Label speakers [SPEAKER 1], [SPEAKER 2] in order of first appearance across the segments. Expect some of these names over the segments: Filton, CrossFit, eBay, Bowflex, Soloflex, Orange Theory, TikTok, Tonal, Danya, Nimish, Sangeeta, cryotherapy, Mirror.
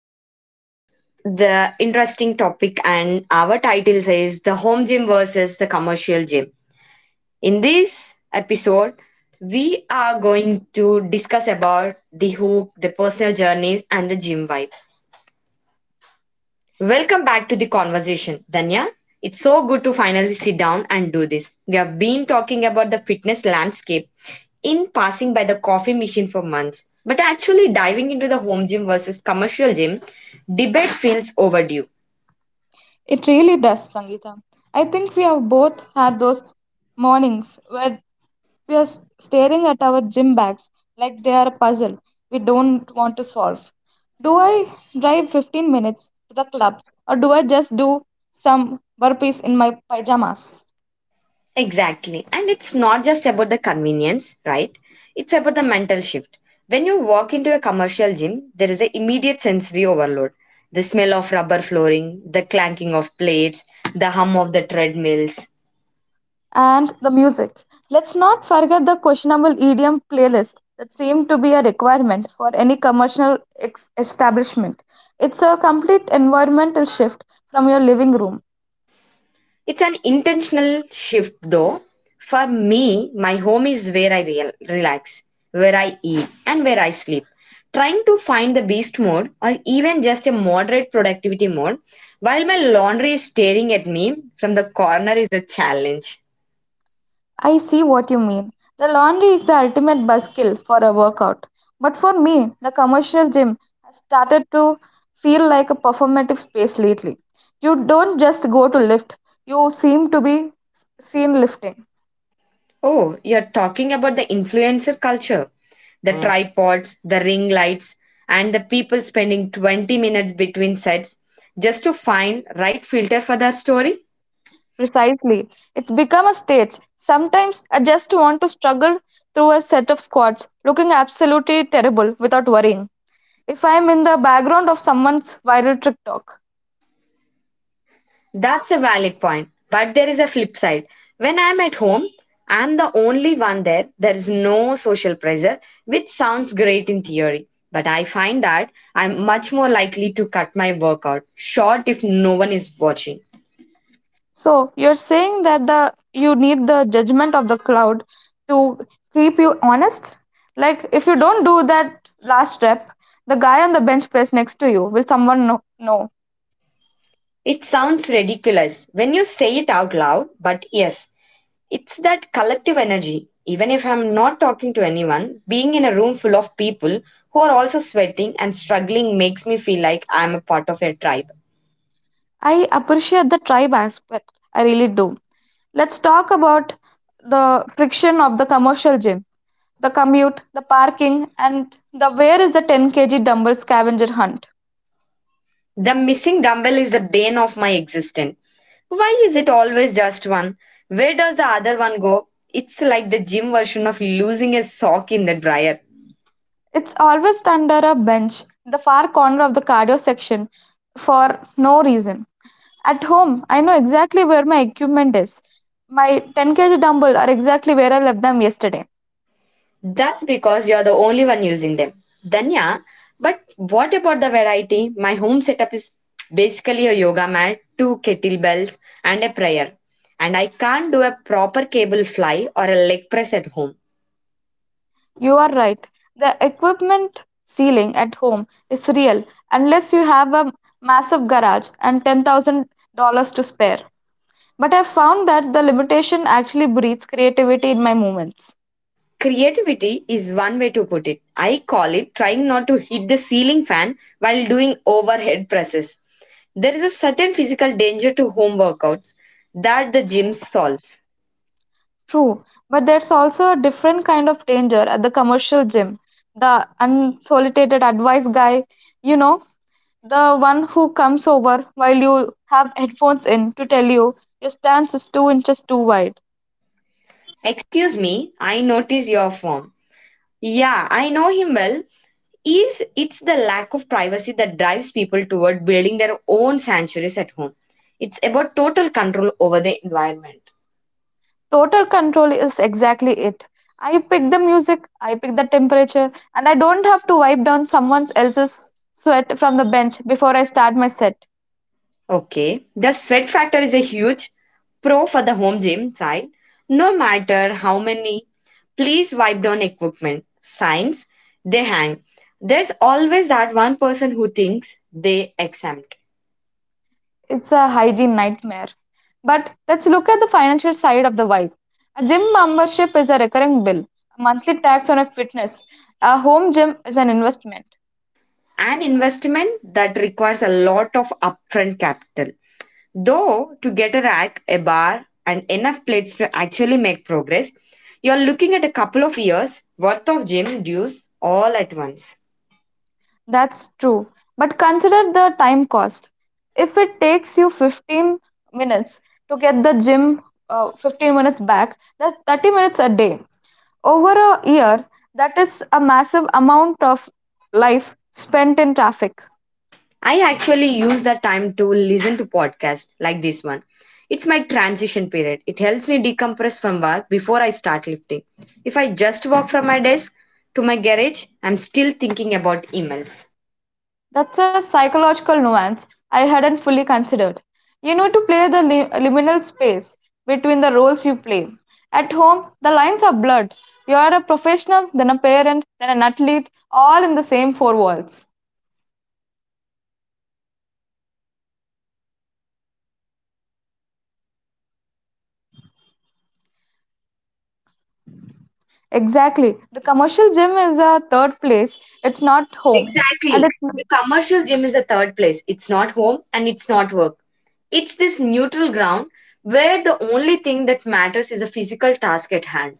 [SPEAKER 1] with the interesting topic. And our title says the home gym versus the commercial gym. In this episode, we are going to discuss about the hook, the personal journeys, and the gym vibe. Welcome back to the conversation, Danya. It's so good to finally sit down and do this. We have been talking about the fitness landscape in passing by the coffee machine for months, but actually diving into the home gym versus commercial gym debate feels overdue.
[SPEAKER 2] It really does, Sangeeta. I think we have both had those mornings where we are staring at our gym bags like they are a puzzle we don't want to solve. Do I drive 15 minutes to the club or do I just do some burpees in my pajamas?
[SPEAKER 1] Exactly. And it's not just about the convenience, right? It's about the mental shift. When you walk into a commercial gym, there is an immediate sensory overload. The smell of rubber flooring, the clanking of plates, the hum of the treadmills.
[SPEAKER 2] And the music. Let's not forget the questionable EDM playlist that seemed to be a requirement for any commercial establishment. It's a complete environmental shift from your living room.
[SPEAKER 1] It's an intentional shift though. For me, my home is where I relax, where I eat, and where I sleep. Trying to find the beast mode or even just a moderate productivity mode while my laundry is staring at me from the corner is a challenge.
[SPEAKER 2] I see what you mean. The laundry is the ultimate buzzkill for a workout. But for me, the commercial gym has started to feel like a performative space lately. You don't just go to lift, you seem to be seen lifting.
[SPEAKER 1] Oh, you're talking about the influencer culture, the tripods, the ring lights, and the people spending 20 minutes between sets just to find right filter for their story.
[SPEAKER 2] Precisely. It's become a stage. Sometimes I just want to struggle through a set of squats, looking absolutely terrible without worrying if I'm in the background of someone's viral TikTok.
[SPEAKER 1] That's a valid point. But there is a flip side. When I'm at home, I'm the only one there. There is no social pressure, which sounds great in theory. But I find that I'm much more likely to cut my workout short if no one is watching.
[SPEAKER 2] So you're saying that the you need the judgment of the crowd to keep you honest? Like if you don't do that last rep, the guy on the bench press next to you will someone know? Know?
[SPEAKER 1] It sounds ridiculous when you say it out loud, but yes, it's that collective energy. Even if I'm not talking to anyone, being in a room full of people who are also sweating and struggling makes me feel like I'm a part of a tribe.
[SPEAKER 2] I appreciate the tribe aspect. I really do. Let's talk about the friction of the commercial gym, the commute, the parking, and the where is the 10 kg dumbbell scavenger hunt.
[SPEAKER 1] The missing dumbbell is the bane of my existence. Why is it always just one? Where does the other one go? It's like the gym version of losing a sock in the dryer.
[SPEAKER 2] It's always under a bench, in the far corner of the cardio section, for no reason. At home, I know exactly where my equipment is. My 10 kg dumbbell are exactly where I left them yesterday.
[SPEAKER 1] That's because you're the only one using them. Danya, but what about the variety? My home setup is basically a yoga mat, two kettlebells, and a prayer. And I can't do a proper cable fly or a leg press at home.
[SPEAKER 2] You are right. The equipment ceiling at home is real unless you have a massive garage and $10,000 to spare. But I found that the limitation actually breeds creativity in my movements.
[SPEAKER 1] Creativity is one way to put it. I call it trying not to hit the ceiling fan while doing overhead presses. There is a certain physical danger to home workouts that the gym solves.
[SPEAKER 2] True, but there's also a different kind of danger at the commercial gym. The unsolicited advice guy, you know, the one who comes over while you have headphones in to tell you your stance is 2 inches too wide.
[SPEAKER 1] Excuse me, I notice your form. Yeah, I know him well. Is it's the lack of privacy that drives people toward building their own sanctuaries at home. It's about total control over the environment.
[SPEAKER 2] Total control is exactly it. I pick the music, I pick the temperature, and I don't have to wipe down someone else's sweat from the bench before I start my set.
[SPEAKER 1] Okay. The sweat factor is a huge pro for the home gym side, no matter how many please wipe down equipment signs they hang. There's always that one person who thinks they exempt.
[SPEAKER 2] It's a hygiene nightmare. But let's look at the financial side of the vibe. A gym membership is a recurring bill, a monthly tax on a fitness. A home gym is an investment.
[SPEAKER 1] An investment that requires a lot of upfront capital. Though to get a rack, a bar, and enough plates to actually make progress, you're looking at a couple of years worth of gym dues all at once.
[SPEAKER 2] That's true. But consider the time cost. If it takes you 15 minutes to get the gym 15 minutes back, that's 30 minutes a day. Over a year, that is a massive amount of life spent in traffic.
[SPEAKER 1] I actually use that time to listen to podcasts like this one. It's my transition period. It helps me decompress from work before I start lifting. If I just walk from my desk to my garage, I'm still thinking about emails.
[SPEAKER 2] That's a psychological nuance I hadn't fully considered. You need to play the liminal space between the roles you play. At home, the lines are blurred. You are a professional, then a parent, then an athlete, all in the same four walls. Exactly. The commercial gym is a third place. It's not home. And
[SPEAKER 1] Exactly.
[SPEAKER 2] it's,
[SPEAKER 1] The commercial gym is the third place. It's not home and it's not work. It's this neutral ground where the only thing that matters is the physical task at hand.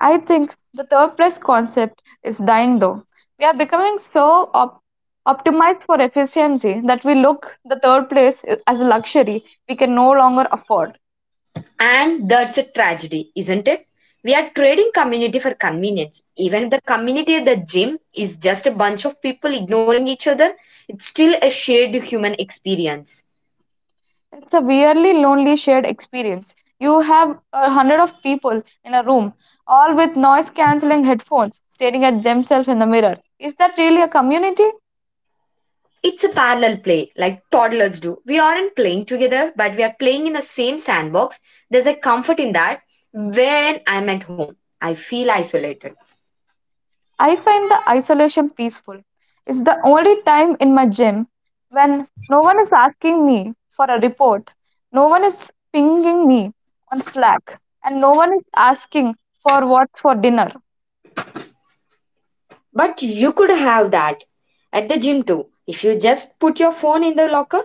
[SPEAKER 2] I think, the third place concept is dying though. We are becoming so optimized for efficiency that we look the third place as a luxury we can no longer afford.
[SPEAKER 1] And that's a tragedy, isn't it? We are trading community for convenience. Even if the community at the gym is just a bunch of people ignoring each other, it's still a shared human experience.
[SPEAKER 2] It's a weirdly lonely shared experience. You have a hundred of people in a room, all with noise cancelling headphones, staring at themselves in the mirror. Is that really a community?
[SPEAKER 1] It's a parallel play, like toddlers do. We aren't playing together, but we are playing in the same sandbox. There's a comfort in that. When I'm at home, I feel isolated.
[SPEAKER 2] I find the isolation peaceful. It's the only time in my gym when no one is asking me for a report, no one is pinging me on Slack, and no one is asking for what's for dinner.
[SPEAKER 1] But you could have that at the gym too, if you just put your phone in the locker.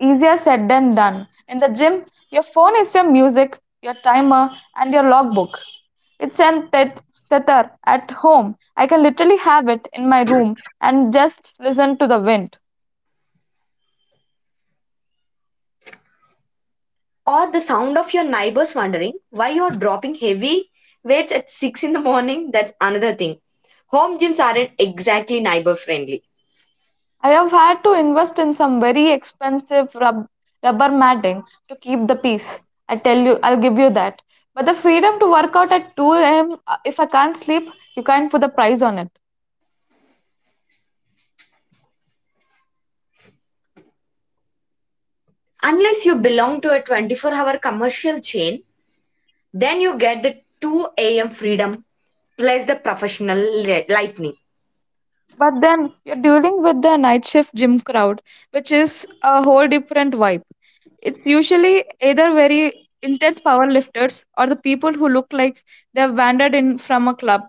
[SPEAKER 2] Easier said than done. In the gym, your phone is your music, your timer, and your logbook. It's an tether at home. I can literally have it in my room and just listen to the wind.
[SPEAKER 1] Or the sound of your neighbors wondering why you're dropping heavy weights at 6 in the morning. That's another thing, home gyms aren't exactly neighbor friendly
[SPEAKER 2] I have had to invest in some very expensive rubber matting to keep the peace. I tell you, I'll give you that. But the freedom to work out at 2 a.m. If I can't sleep, you can't put the price on it.
[SPEAKER 1] unless you belong to a 24-hour commercial chain. Then you get the 2 a.m freedom plus the professional lightning.
[SPEAKER 2] But then you're dealing with the night shift gym crowd, which is a whole different vibe. It's usually either very intense power lifters or the people who look like they've wandered in from a club.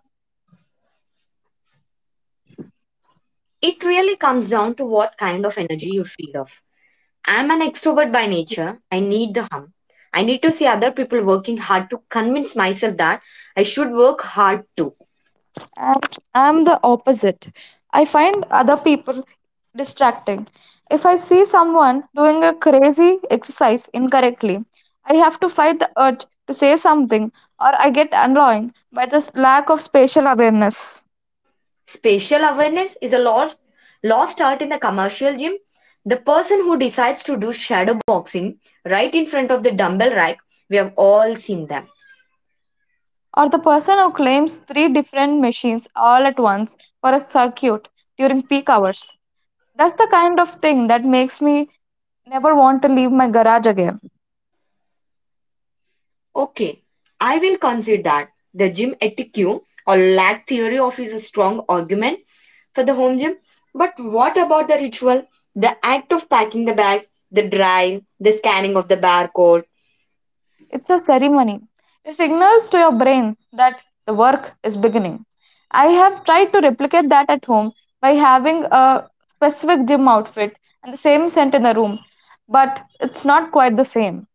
[SPEAKER 1] It really comes down to what kind of energy you feed off. I'm an extrovert by nature. I need the hum, I need to see other people working hard to convince myself that I should work hard too.
[SPEAKER 2] And I'm the opposite. I find other people distracting. If I see someone doing a crazy exercise incorrectly, I have to fight the urge to say something, or I get annoyed by this lack of spatial awareness.
[SPEAKER 1] Spatial awareness is a lost art in the commercial gym. The person who decides to do shadow boxing right in front of the dumbbell rack, we have all seen them.
[SPEAKER 2] Or the person who claims three different machines all at once for a circuit during peak hours. That's the kind of thing that makes me never want to leave my garage again.
[SPEAKER 1] Okay, I will concede that the gym etiquette or lack theory of is a strong argument for the home gym. But what about the ritual? The act of packing the bag, the drive, the scanning of the barcode.
[SPEAKER 2] It's a ceremony. It signals to your brain that the work is beginning. I have tried to replicate that at home by having a specific gym outfit and the same scent in the room, but it's not quite the same.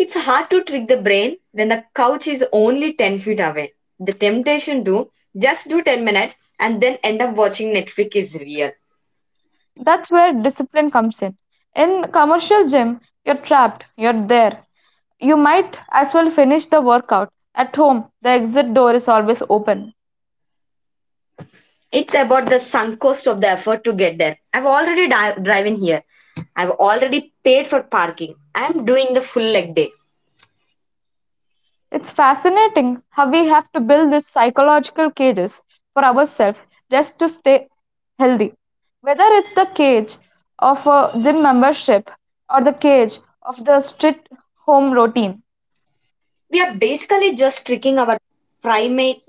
[SPEAKER 1] It's hard to trick the brain when the couch is only 10 feet away. The temptation to just do 10 minutes and then end up watching Netflix is real.
[SPEAKER 2] That's where discipline comes in. In commercial gym, you're trapped, you're there. You might as well finish the workout. At home, the exit door is always open.
[SPEAKER 1] It's about the sunk cost of the effort to get there. I've already driven here. I've already paid for parking. I'm doing the full leg day.
[SPEAKER 2] It's fascinating how we have to build these psychological cages for ourselves just to stay healthy. Whether it's the cage of a gym membership or the cage of the strict home routine.
[SPEAKER 1] We are basically just tricking our primate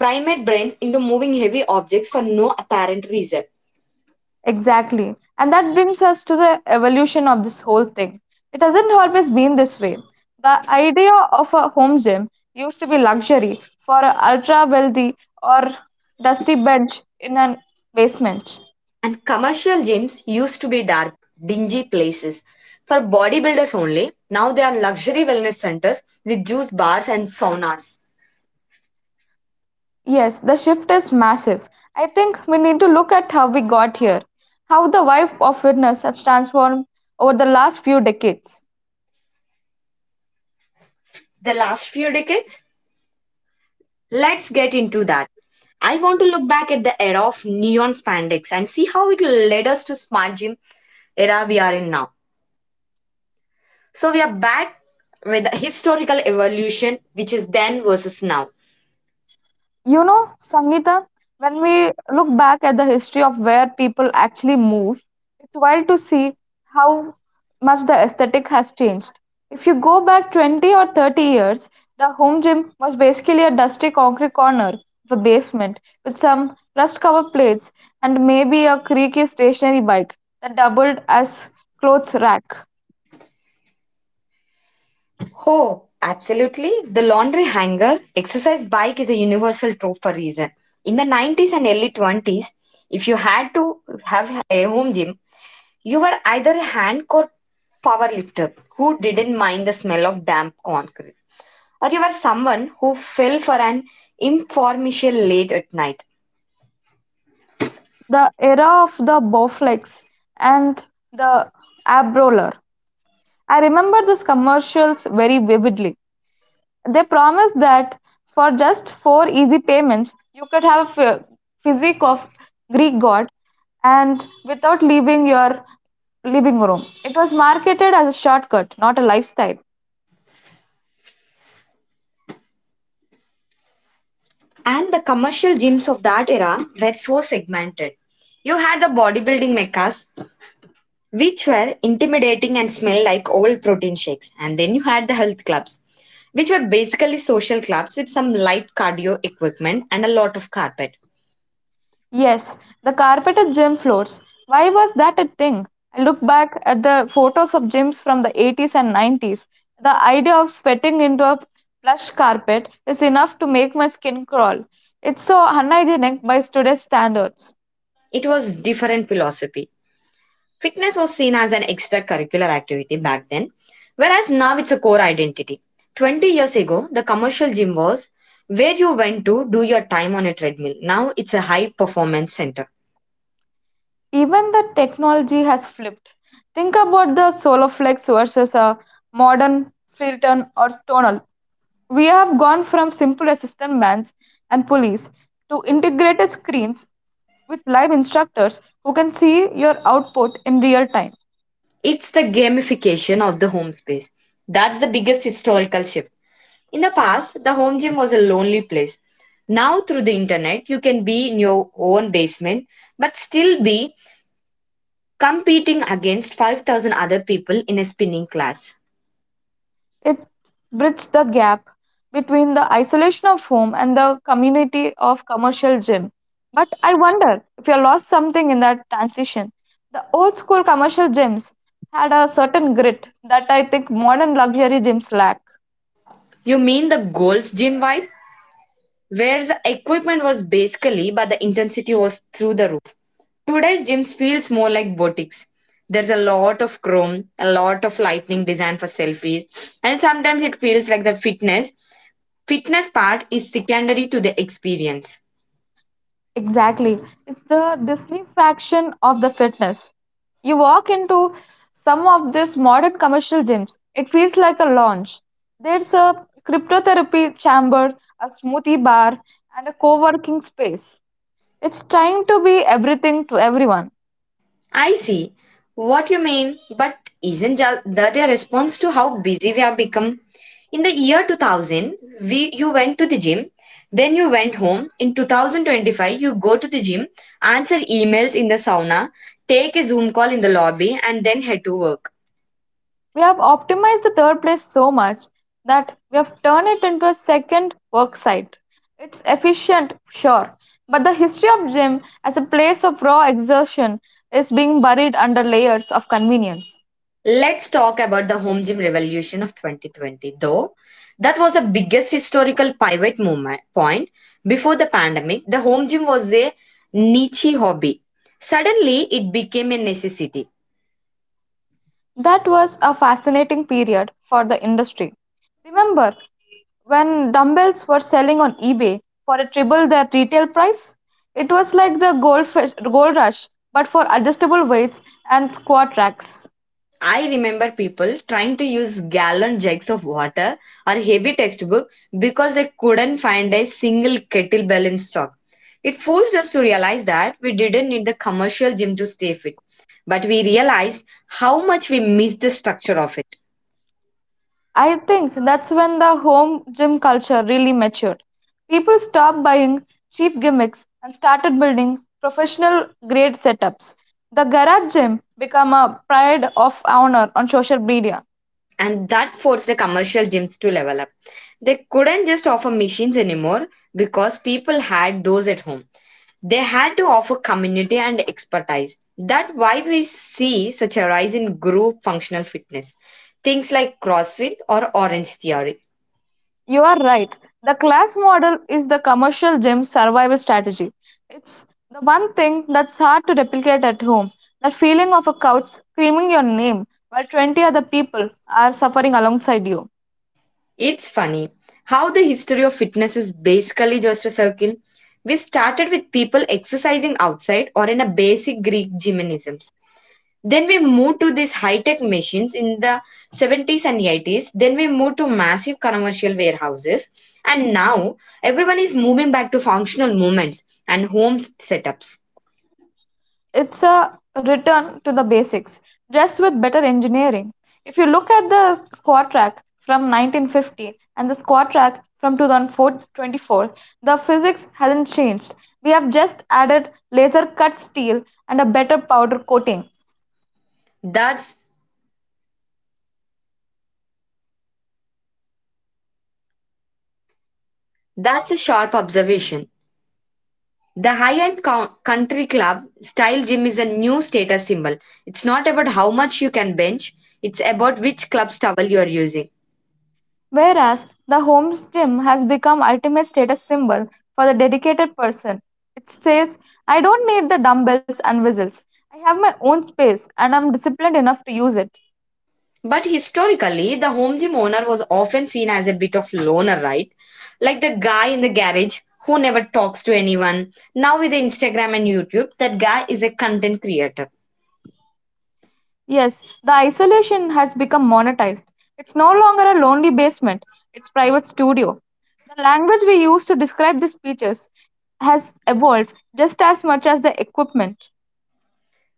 [SPEAKER 1] primate brains into moving heavy objects for no apparent reason.
[SPEAKER 2] Exactly. And that brings us to the evolution of this whole thing. It hasn't always been this way. The idea of a home gym used to be luxury for an ultra wealthy or dusty bench in an basement.
[SPEAKER 1] And commercial gyms used to be dark, dingy places for bodybuilders only. Now they are luxury wellness centers with juice bars and saunas.
[SPEAKER 2] Yes, the shift is massive. I think we need to look at how we got here, how the wife of witness has transformed over the last few decades.
[SPEAKER 1] The last few decades? Let's get into that. I want to look back at the era of neon spandex and see how it led us to smart gym era we are in now. So we are back with the historical evolution, which is then versus now.
[SPEAKER 2] You know, Sangeeta, when we look back at the history of where people actually move, it's wild to see how much the aesthetic has changed. If you go back 20 or 30 years, the home gym was basically a dusty concrete corner of a basement with some rust covered plates and maybe a creaky stationary bike that doubled as clothes rack.
[SPEAKER 1] Oh, absolutely. The laundry hanger exercise bike is a universal trope for reason. In the '90s and early '20s, if you had to have a home gym, you were either a hand or power lifter who didn't mind the smell of damp concrete, or you were someone who fell for an informal late at night.
[SPEAKER 2] The era of the Bowflex and the ab roller. I remember those commercials very vividly. They promised that for just four easy payments, you could have a physique of Greek god and without leaving your living room. It was marketed as a shortcut, not a lifestyle.
[SPEAKER 1] And the commercial gyms of that era were so segmented. You had the bodybuilding meccas which were intimidating and smelled like old protein shakes. And then you had the health clubs, which were basically social clubs with some light cardio equipment and a lot of carpet.
[SPEAKER 2] Yes, the carpeted gym floors. Why was that a thing? I look back at the photos of gyms from the 80s and 90s. The idea of sweating into a plush carpet is enough to make my skin crawl. It's so unhygienic by today's standards.
[SPEAKER 1] It was different philosophy. Fitness was seen as an extracurricular activity back then, whereas now it's a core identity. 20 years ago, the commercial gym was where you went to do your time on a treadmill. Now it's a high performance center.
[SPEAKER 2] Even the technology has flipped. Think about the Soloflex versus a modern Filton or Tonal. We have gone from simple assistant bands and police to integrated screens with live instructors who can see your output in real time.
[SPEAKER 1] It's the gamification of the home space. That's the biggest historical shift. In the past, the home gym was a lonely place. Now, through the internet, you can be in your own basement but still be competing against 5,000 other people in a spinning class.
[SPEAKER 2] It bridges the gap between the isolation of home and the community of commercial gym. But I wonder if you lost something in that transition. The old school commercial gyms had a certain grit that I think modern luxury gyms lack.
[SPEAKER 1] You mean the goals gym vibe? Where the equipment was basically, but the intensity was through the roof. Today's gyms feels more like boutiques. There's a lot of chrome, a lot of lightning designed for selfies, and sometimes it feels like the fitness part is secondary to the experience.
[SPEAKER 2] Exactly. It's the Disney disneyfaction of the fitness. You walk into some of these modern commercial gyms, it feels like a lounge. There's a cryptotherapy chamber, a smoothie bar, and a co working space. It's trying to be everything to everyone.
[SPEAKER 1] I see what you mean, but isn't that a response to how busy we have become? In the year 2000, you went to the gym, then you went home. In 2025, you go to the gym, answer emails in the sauna, take a Zoom call in the lobby, and then head to work.
[SPEAKER 2] We have optimized the third place so much that we have turned it into a second work site. It's efficient, sure, but the history of gym as a place of raw exertion is being buried under layers of convenience.
[SPEAKER 1] Let's talk about the home gym revolution of 2020, though. That was the biggest historical pivot moment point. Before the pandemic, the home gym was a niche hobby. Suddenly, it became a necessity.
[SPEAKER 2] That was a fascinating period for the industry. Remember when dumbbells were selling on eBay for a triple their retail price? It was like the gold rush, but for adjustable weights and squat racks.
[SPEAKER 1] I remember people trying to use gallon jugs of water or heavy textbook because they couldn't find a single kettlebell in stock. It forced us to realize that we didn't need the commercial gym to stay fit, but we realized how much we missed the structure of it.
[SPEAKER 2] I think that's when the home gym culture really matured. People stopped buying cheap gimmicks and started building professional grade setups. The garage gym became a pride of honor on social media.
[SPEAKER 1] And that forced the commercial gyms to level up. They couldn't just offer machines anymore because people had those at home. They had to offer community and expertise. That's why we see such a rise in group functional fitness. Things like CrossFit or Orange Theory.
[SPEAKER 2] You are right. The class model is the commercial gym survival strategy. It's the one thing that's hard to replicate at home. That feeling of a couch screaming your name while 20 other people are suffering alongside you.
[SPEAKER 1] It's funny how the history of fitness is basically just a circle. We started with people exercising outside or in a basic Greek gymnasium. Then we moved to these high-tech machines in the '70s and '80s. Then we moved to massive commercial warehouses. And now everyone is moving back to functional movements and home setups.
[SPEAKER 2] It's a return to the basics, just with better engineering. If you look at the squat track from 1950 and the squat track from 2024, the physics hasn't changed. We have just added laser cut steel and a better powder coating.
[SPEAKER 1] That's that's a sharp observation. The high-end country club style gym is a new status symbol. It's not about how much you can bench, it's about which club's towel you are using.
[SPEAKER 2] Whereas the home gym has become ultimate status symbol for the dedicated person. It says, I don't need the dumbbells and whistles. I have my own space and I'm disciplined enough to use it.
[SPEAKER 1] But historically, the home gym owner was often seen as a bit of loner, right? Like the guy in the garage who never talks to anyone. Now with Instagram and YouTube, that guy is a content creator.
[SPEAKER 2] Yes, the isolation has become monetized. It's no longer a lonely basement, it's private studio. The language we use to describe these speeches has evolved just as much as the equipment.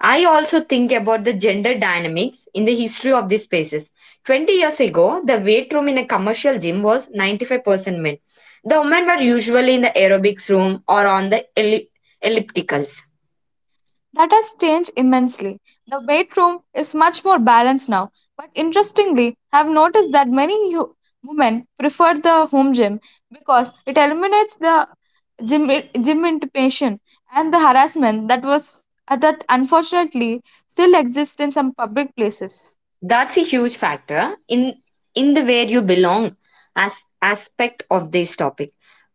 [SPEAKER 1] I also think about the gender dynamics in the history of these spaces. 20 years ago, the weight room in a commercial gym was 95% men. The women were usually in the aerobics room or on the ellipticals.
[SPEAKER 2] That has changed immensely. The bedroom is much more balanced now. But interestingly, I've noticed that many women prefer the home gym because it eliminates the gym, gym intimidation and the harassment that was that unfortunately still exists in some public places.
[SPEAKER 1] That's a huge factor in the where you belong as aspect of this topic.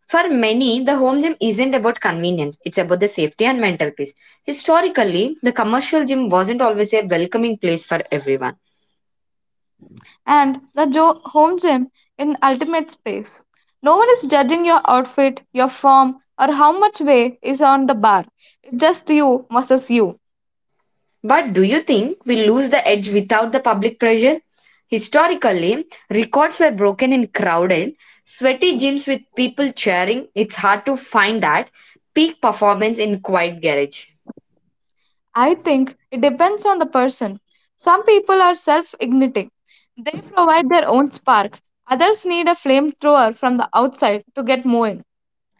[SPEAKER 1] For many, the home gym isn't about convenience, it's about the safety and mental peace. Historically, the commercial gym wasn't always a welcoming place for everyone.
[SPEAKER 2] Home gym in ultimate space. No one is judging your outfit, your form, or how much weight is on the bar. It's just you versus you.
[SPEAKER 1] But do you think we lose the edge without the public pressure? Historically, records were broken in crowded, sweaty gyms with people cheering. It's hard to find that peak performance in quiet garage.
[SPEAKER 2] I think it depends on the person. Some people are self igniting, they provide their own spark. Others need a flamethrower from the outside to get moving.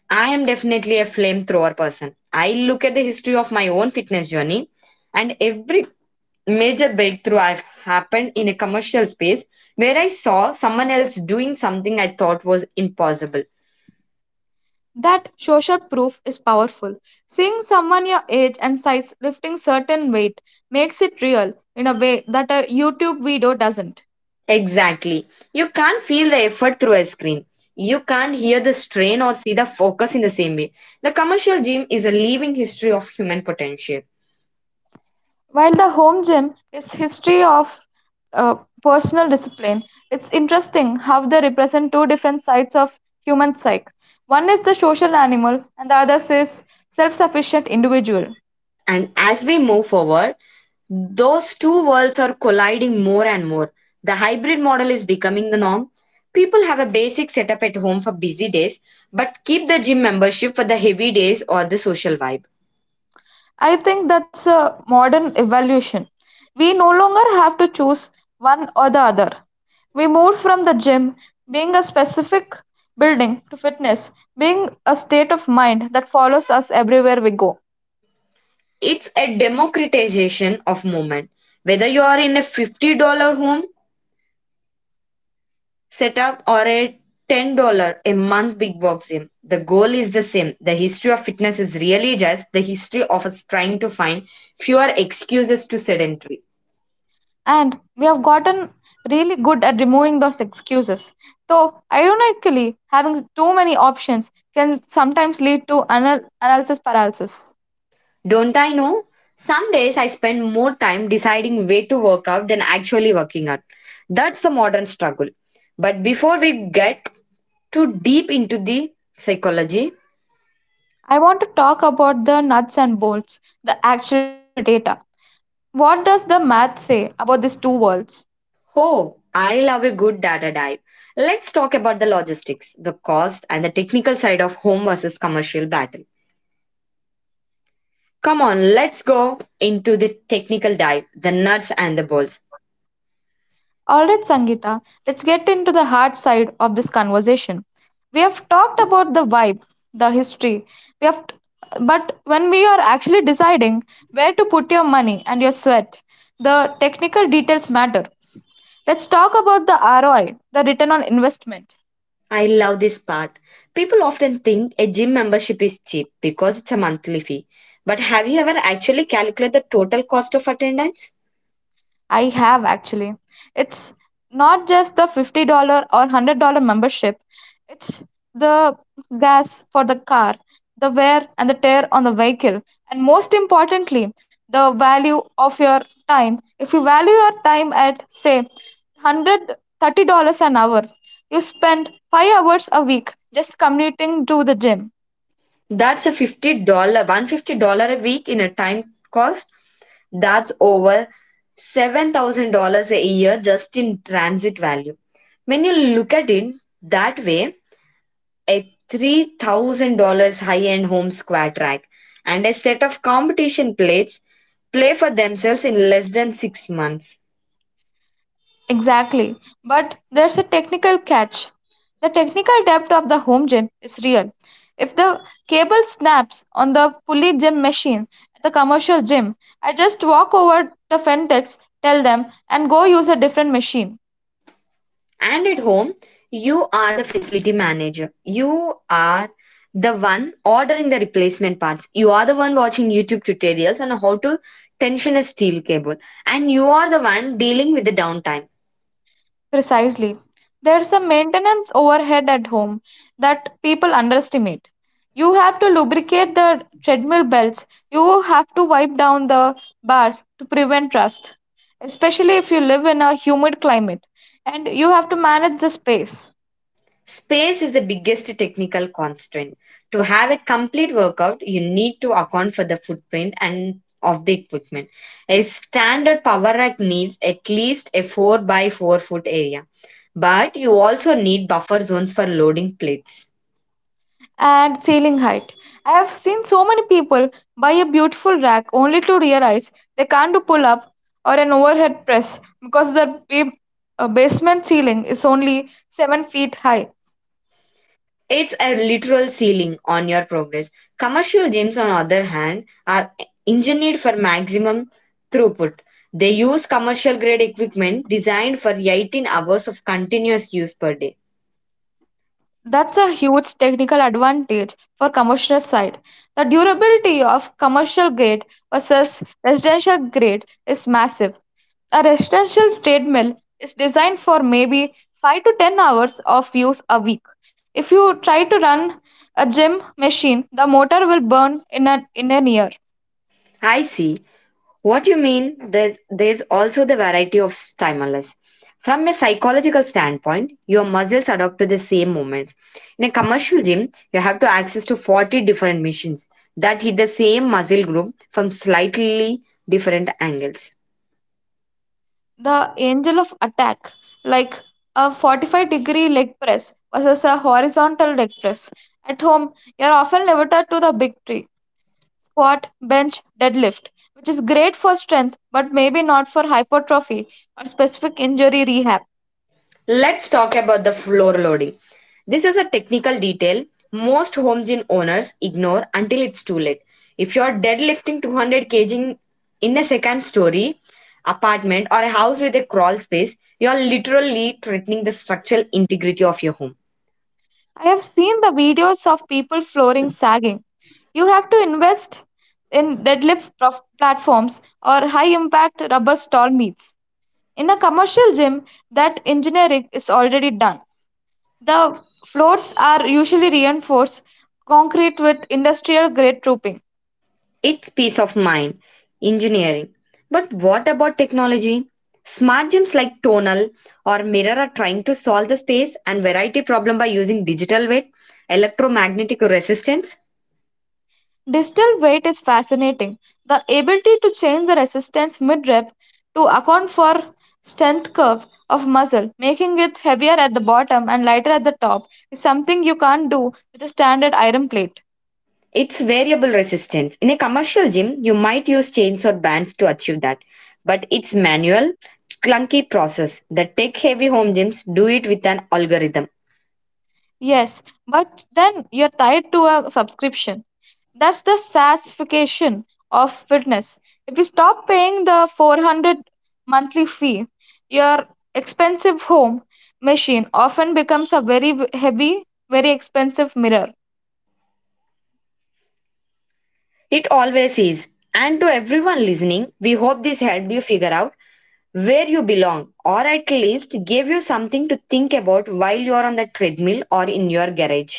[SPEAKER 1] I am definitely a flamethrower person. I look at the history of my own fitness journey, and every major breakthrough I've happened in a commercial space where I saw someone else doing something I thought was impossible.
[SPEAKER 2] That social proof is powerful. Seeing someone your age and size lifting certain weight makes it real in a way that a YouTube video doesn't.
[SPEAKER 1] Exactly. You can't feel the effort through a screen. You can't hear the strain or see the focus in the same way. The commercial gym is a living history of human potential.
[SPEAKER 2] While the home gym is history of uh, personal discipline, it's interesting how they represent two different sides of human psyche. One is the social animal, and the other is self-sufficient individual.
[SPEAKER 1] And as we move forward, those two worlds are colliding more and more. The hybrid model is becoming the norm. People have a basic setup at home for busy days, but keep the gym membership for the heavy days or the social vibe.
[SPEAKER 2] I think that's a modern evolution. We no longer have to choose one or the other. We moved from the gym being a specific building to fitness being a state of mind that follows us everywhere we go.
[SPEAKER 1] It's a democratization of movement. Whether you are in a $50 home setup or a $10 a month big box gym, the goal is the same. The history of fitness is really just the history of us trying to find fewer excuses to sedentary.
[SPEAKER 2] And we have gotten really good at removing those excuses. Though, ironically, having too many options can sometimes lead to analysis paralysis.
[SPEAKER 1] Don't I know? Some days I spend more time deciding where to work out than actually working out. That's the modern struggle. But before we get too deep into the psychology,
[SPEAKER 2] I want to talk about the nuts and bolts, the actual data. What does the math say about these two worlds?
[SPEAKER 1] oh, I love a good data dive. Let's talk about the logistics, the cost, and the technical side of home versus commercial battle. Come on, let's go into the technical dive, the nuts and the bolts.
[SPEAKER 2] All right, Sangeeta, let's get into the hard side of this conversation. We have talked about the vibe, the history. We have, t- but when we are actually deciding where to put your money and your sweat, the technical details matter. Let's talk about the ROI, the return on investment.
[SPEAKER 1] I love this part. People often think a gym membership is cheap because it's a monthly fee. But have you ever actually calculated the total cost of attendance?
[SPEAKER 2] I have actually. It's not just the $50 or $100 membership, it's the gas for the car, the wear and the tear on the vehicle, and most importantly, the value of your time. If you value your time at, say, $130 an hour, you spend 5 hours a week just commuting to the gym.
[SPEAKER 1] That's a $50, $150 a week in a time cost. That's over $7,000 a year just in transit value. When you look at it that way, a $3,000 high end home squat rack and a set of competition plates play for themselves in less than 6 months.
[SPEAKER 2] Exactly. But there's a technical catch. The technical depth of the home gym is real. If the cable snaps on the pulley gym machine at the commercial gym, I just walk over the Fentex, tell them, and go use a different machine.
[SPEAKER 1] And at home, you are the facility manager. You are the one ordering the replacement parts. You are the one watching YouTube tutorials on how to tension a steel cable. And you are the one dealing with the downtime.
[SPEAKER 2] Precisely. There's a maintenance overhead at home that people underestimate. You have to lubricate the treadmill belts, you have to wipe down the bars to prevent rust, especially if you live in a humid climate, and you have to manage the space
[SPEAKER 1] Space is the biggest technical constraint. To have a complete workout, you need to account for the footprint and of the equipment. A standard power rack needs at least a 4 by 4 foot area, but you also need buffer zones for loading plates.
[SPEAKER 2] and ceiling height. I have seen so many people buy a beautiful rack only to realize they can't do pull up or an overhead press because the basement ceiling is only 7 feet high.
[SPEAKER 1] It's a literal ceiling on your progress. Commercial gyms, on the other hand, are engineered for maximum throughput. They use commercial grade equipment designed for 18 hours of continuous use per day.
[SPEAKER 2] That's a huge technical advantage for commercial side. The durability of commercial grade versus residential grade is massive. A residential treadmill is designed for maybe 5 to 10 hours of use a week. If you try to run a gym machine, the motor will burn in an year.
[SPEAKER 1] I see. What you mean, there's also the variety of stimulus. From a psychological standpoint, your muscles adapt to the same movements. In a commercial gym, you have to access to 40 different machines that hit the same muscle group from slightly different angles.
[SPEAKER 2] The angle of attack, like a 45-degree leg press versus a horizontal leg press. At home, you are often limited to the big tree squat, bench, deadlift, which is great for strength but maybe not for hypertrophy or specific injury rehab.
[SPEAKER 1] Let's talk about the floor loading. This is a technical detail most home gym owners ignore until it's too late. If you're deadlifting 200 kg in a second story apartment or a house with a crawl space, you're literally threatening the structural integrity of your home.
[SPEAKER 2] I have seen the videos of people flooring sagging. You have to invest in platforms or high impact rubber stall meets. In a commercial gym, that engineering is already done. The floors are usually reinforced concrete with industrial grade trooping.
[SPEAKER 1] It's peace of mind, engineering. But what about technology? Smart gyms like Tonal or Mirror are trying to solve the space and variety problem by using digital weight, electromagnetic resistance.
[SPEAKER 2] Distal weight is fascinating. The ability to change the resistance mid-rep to account for strength curve of muscle, making it heavier at the bottom and lighter at the top, is something you can't do with a standard iron plate.
[SPEAKER 1] It's variable resistance. In a commercial gym, you might use chains or bands to achieve that, but it's manual, clunky process. The tech-heavy home gyms do it with an algorithm.
[SPEAKER 2] Yes, but then you're tied to a subscription. That's the sassification of fitness. If you stop paying the 400 monthly fee, your expensive home machine often becomes a very heavy, very expensive mirror.
[SPEAKER 1] It always is. And to everyone listening, we hope this helped you figure out where you belong, or at least gave you something to think about while you are on the treadmill or in your garage.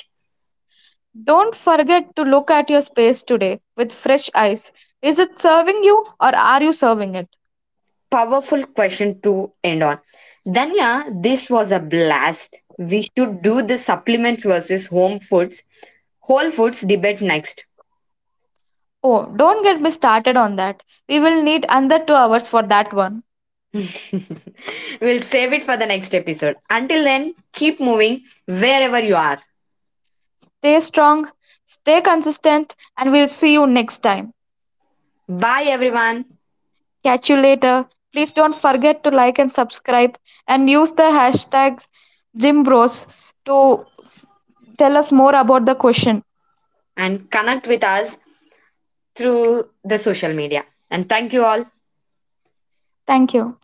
[SPEAKER 2] Don't forget to look at your space today with fresh eyes. Is it serving you or are you serving it?
[SPEAKER 1] Powerful question to end on. Danya, this was a blast. We should do the supplements versus home foods Whole Foods debate next.
[SPEAKER 2] Oh, don't get me started on that. We will need another 2 hours for that one.
[SPEAKER 1] We'll save it for the next episode. Until then, keep moving wherever you are.
[SPEAKER 2] Stay strong, stay consistent, and we'll see you next time.
[SPEAKER 1] Bye, everyone,
[SPEAKER 2] Catch you later. Please don't forget to like and subscribe and use the hashtag GymBros to tell us more about the question.
[SPEAKER 1] and connect with us through the social media. And thank you all.
[SPEAKER 2] Thank you.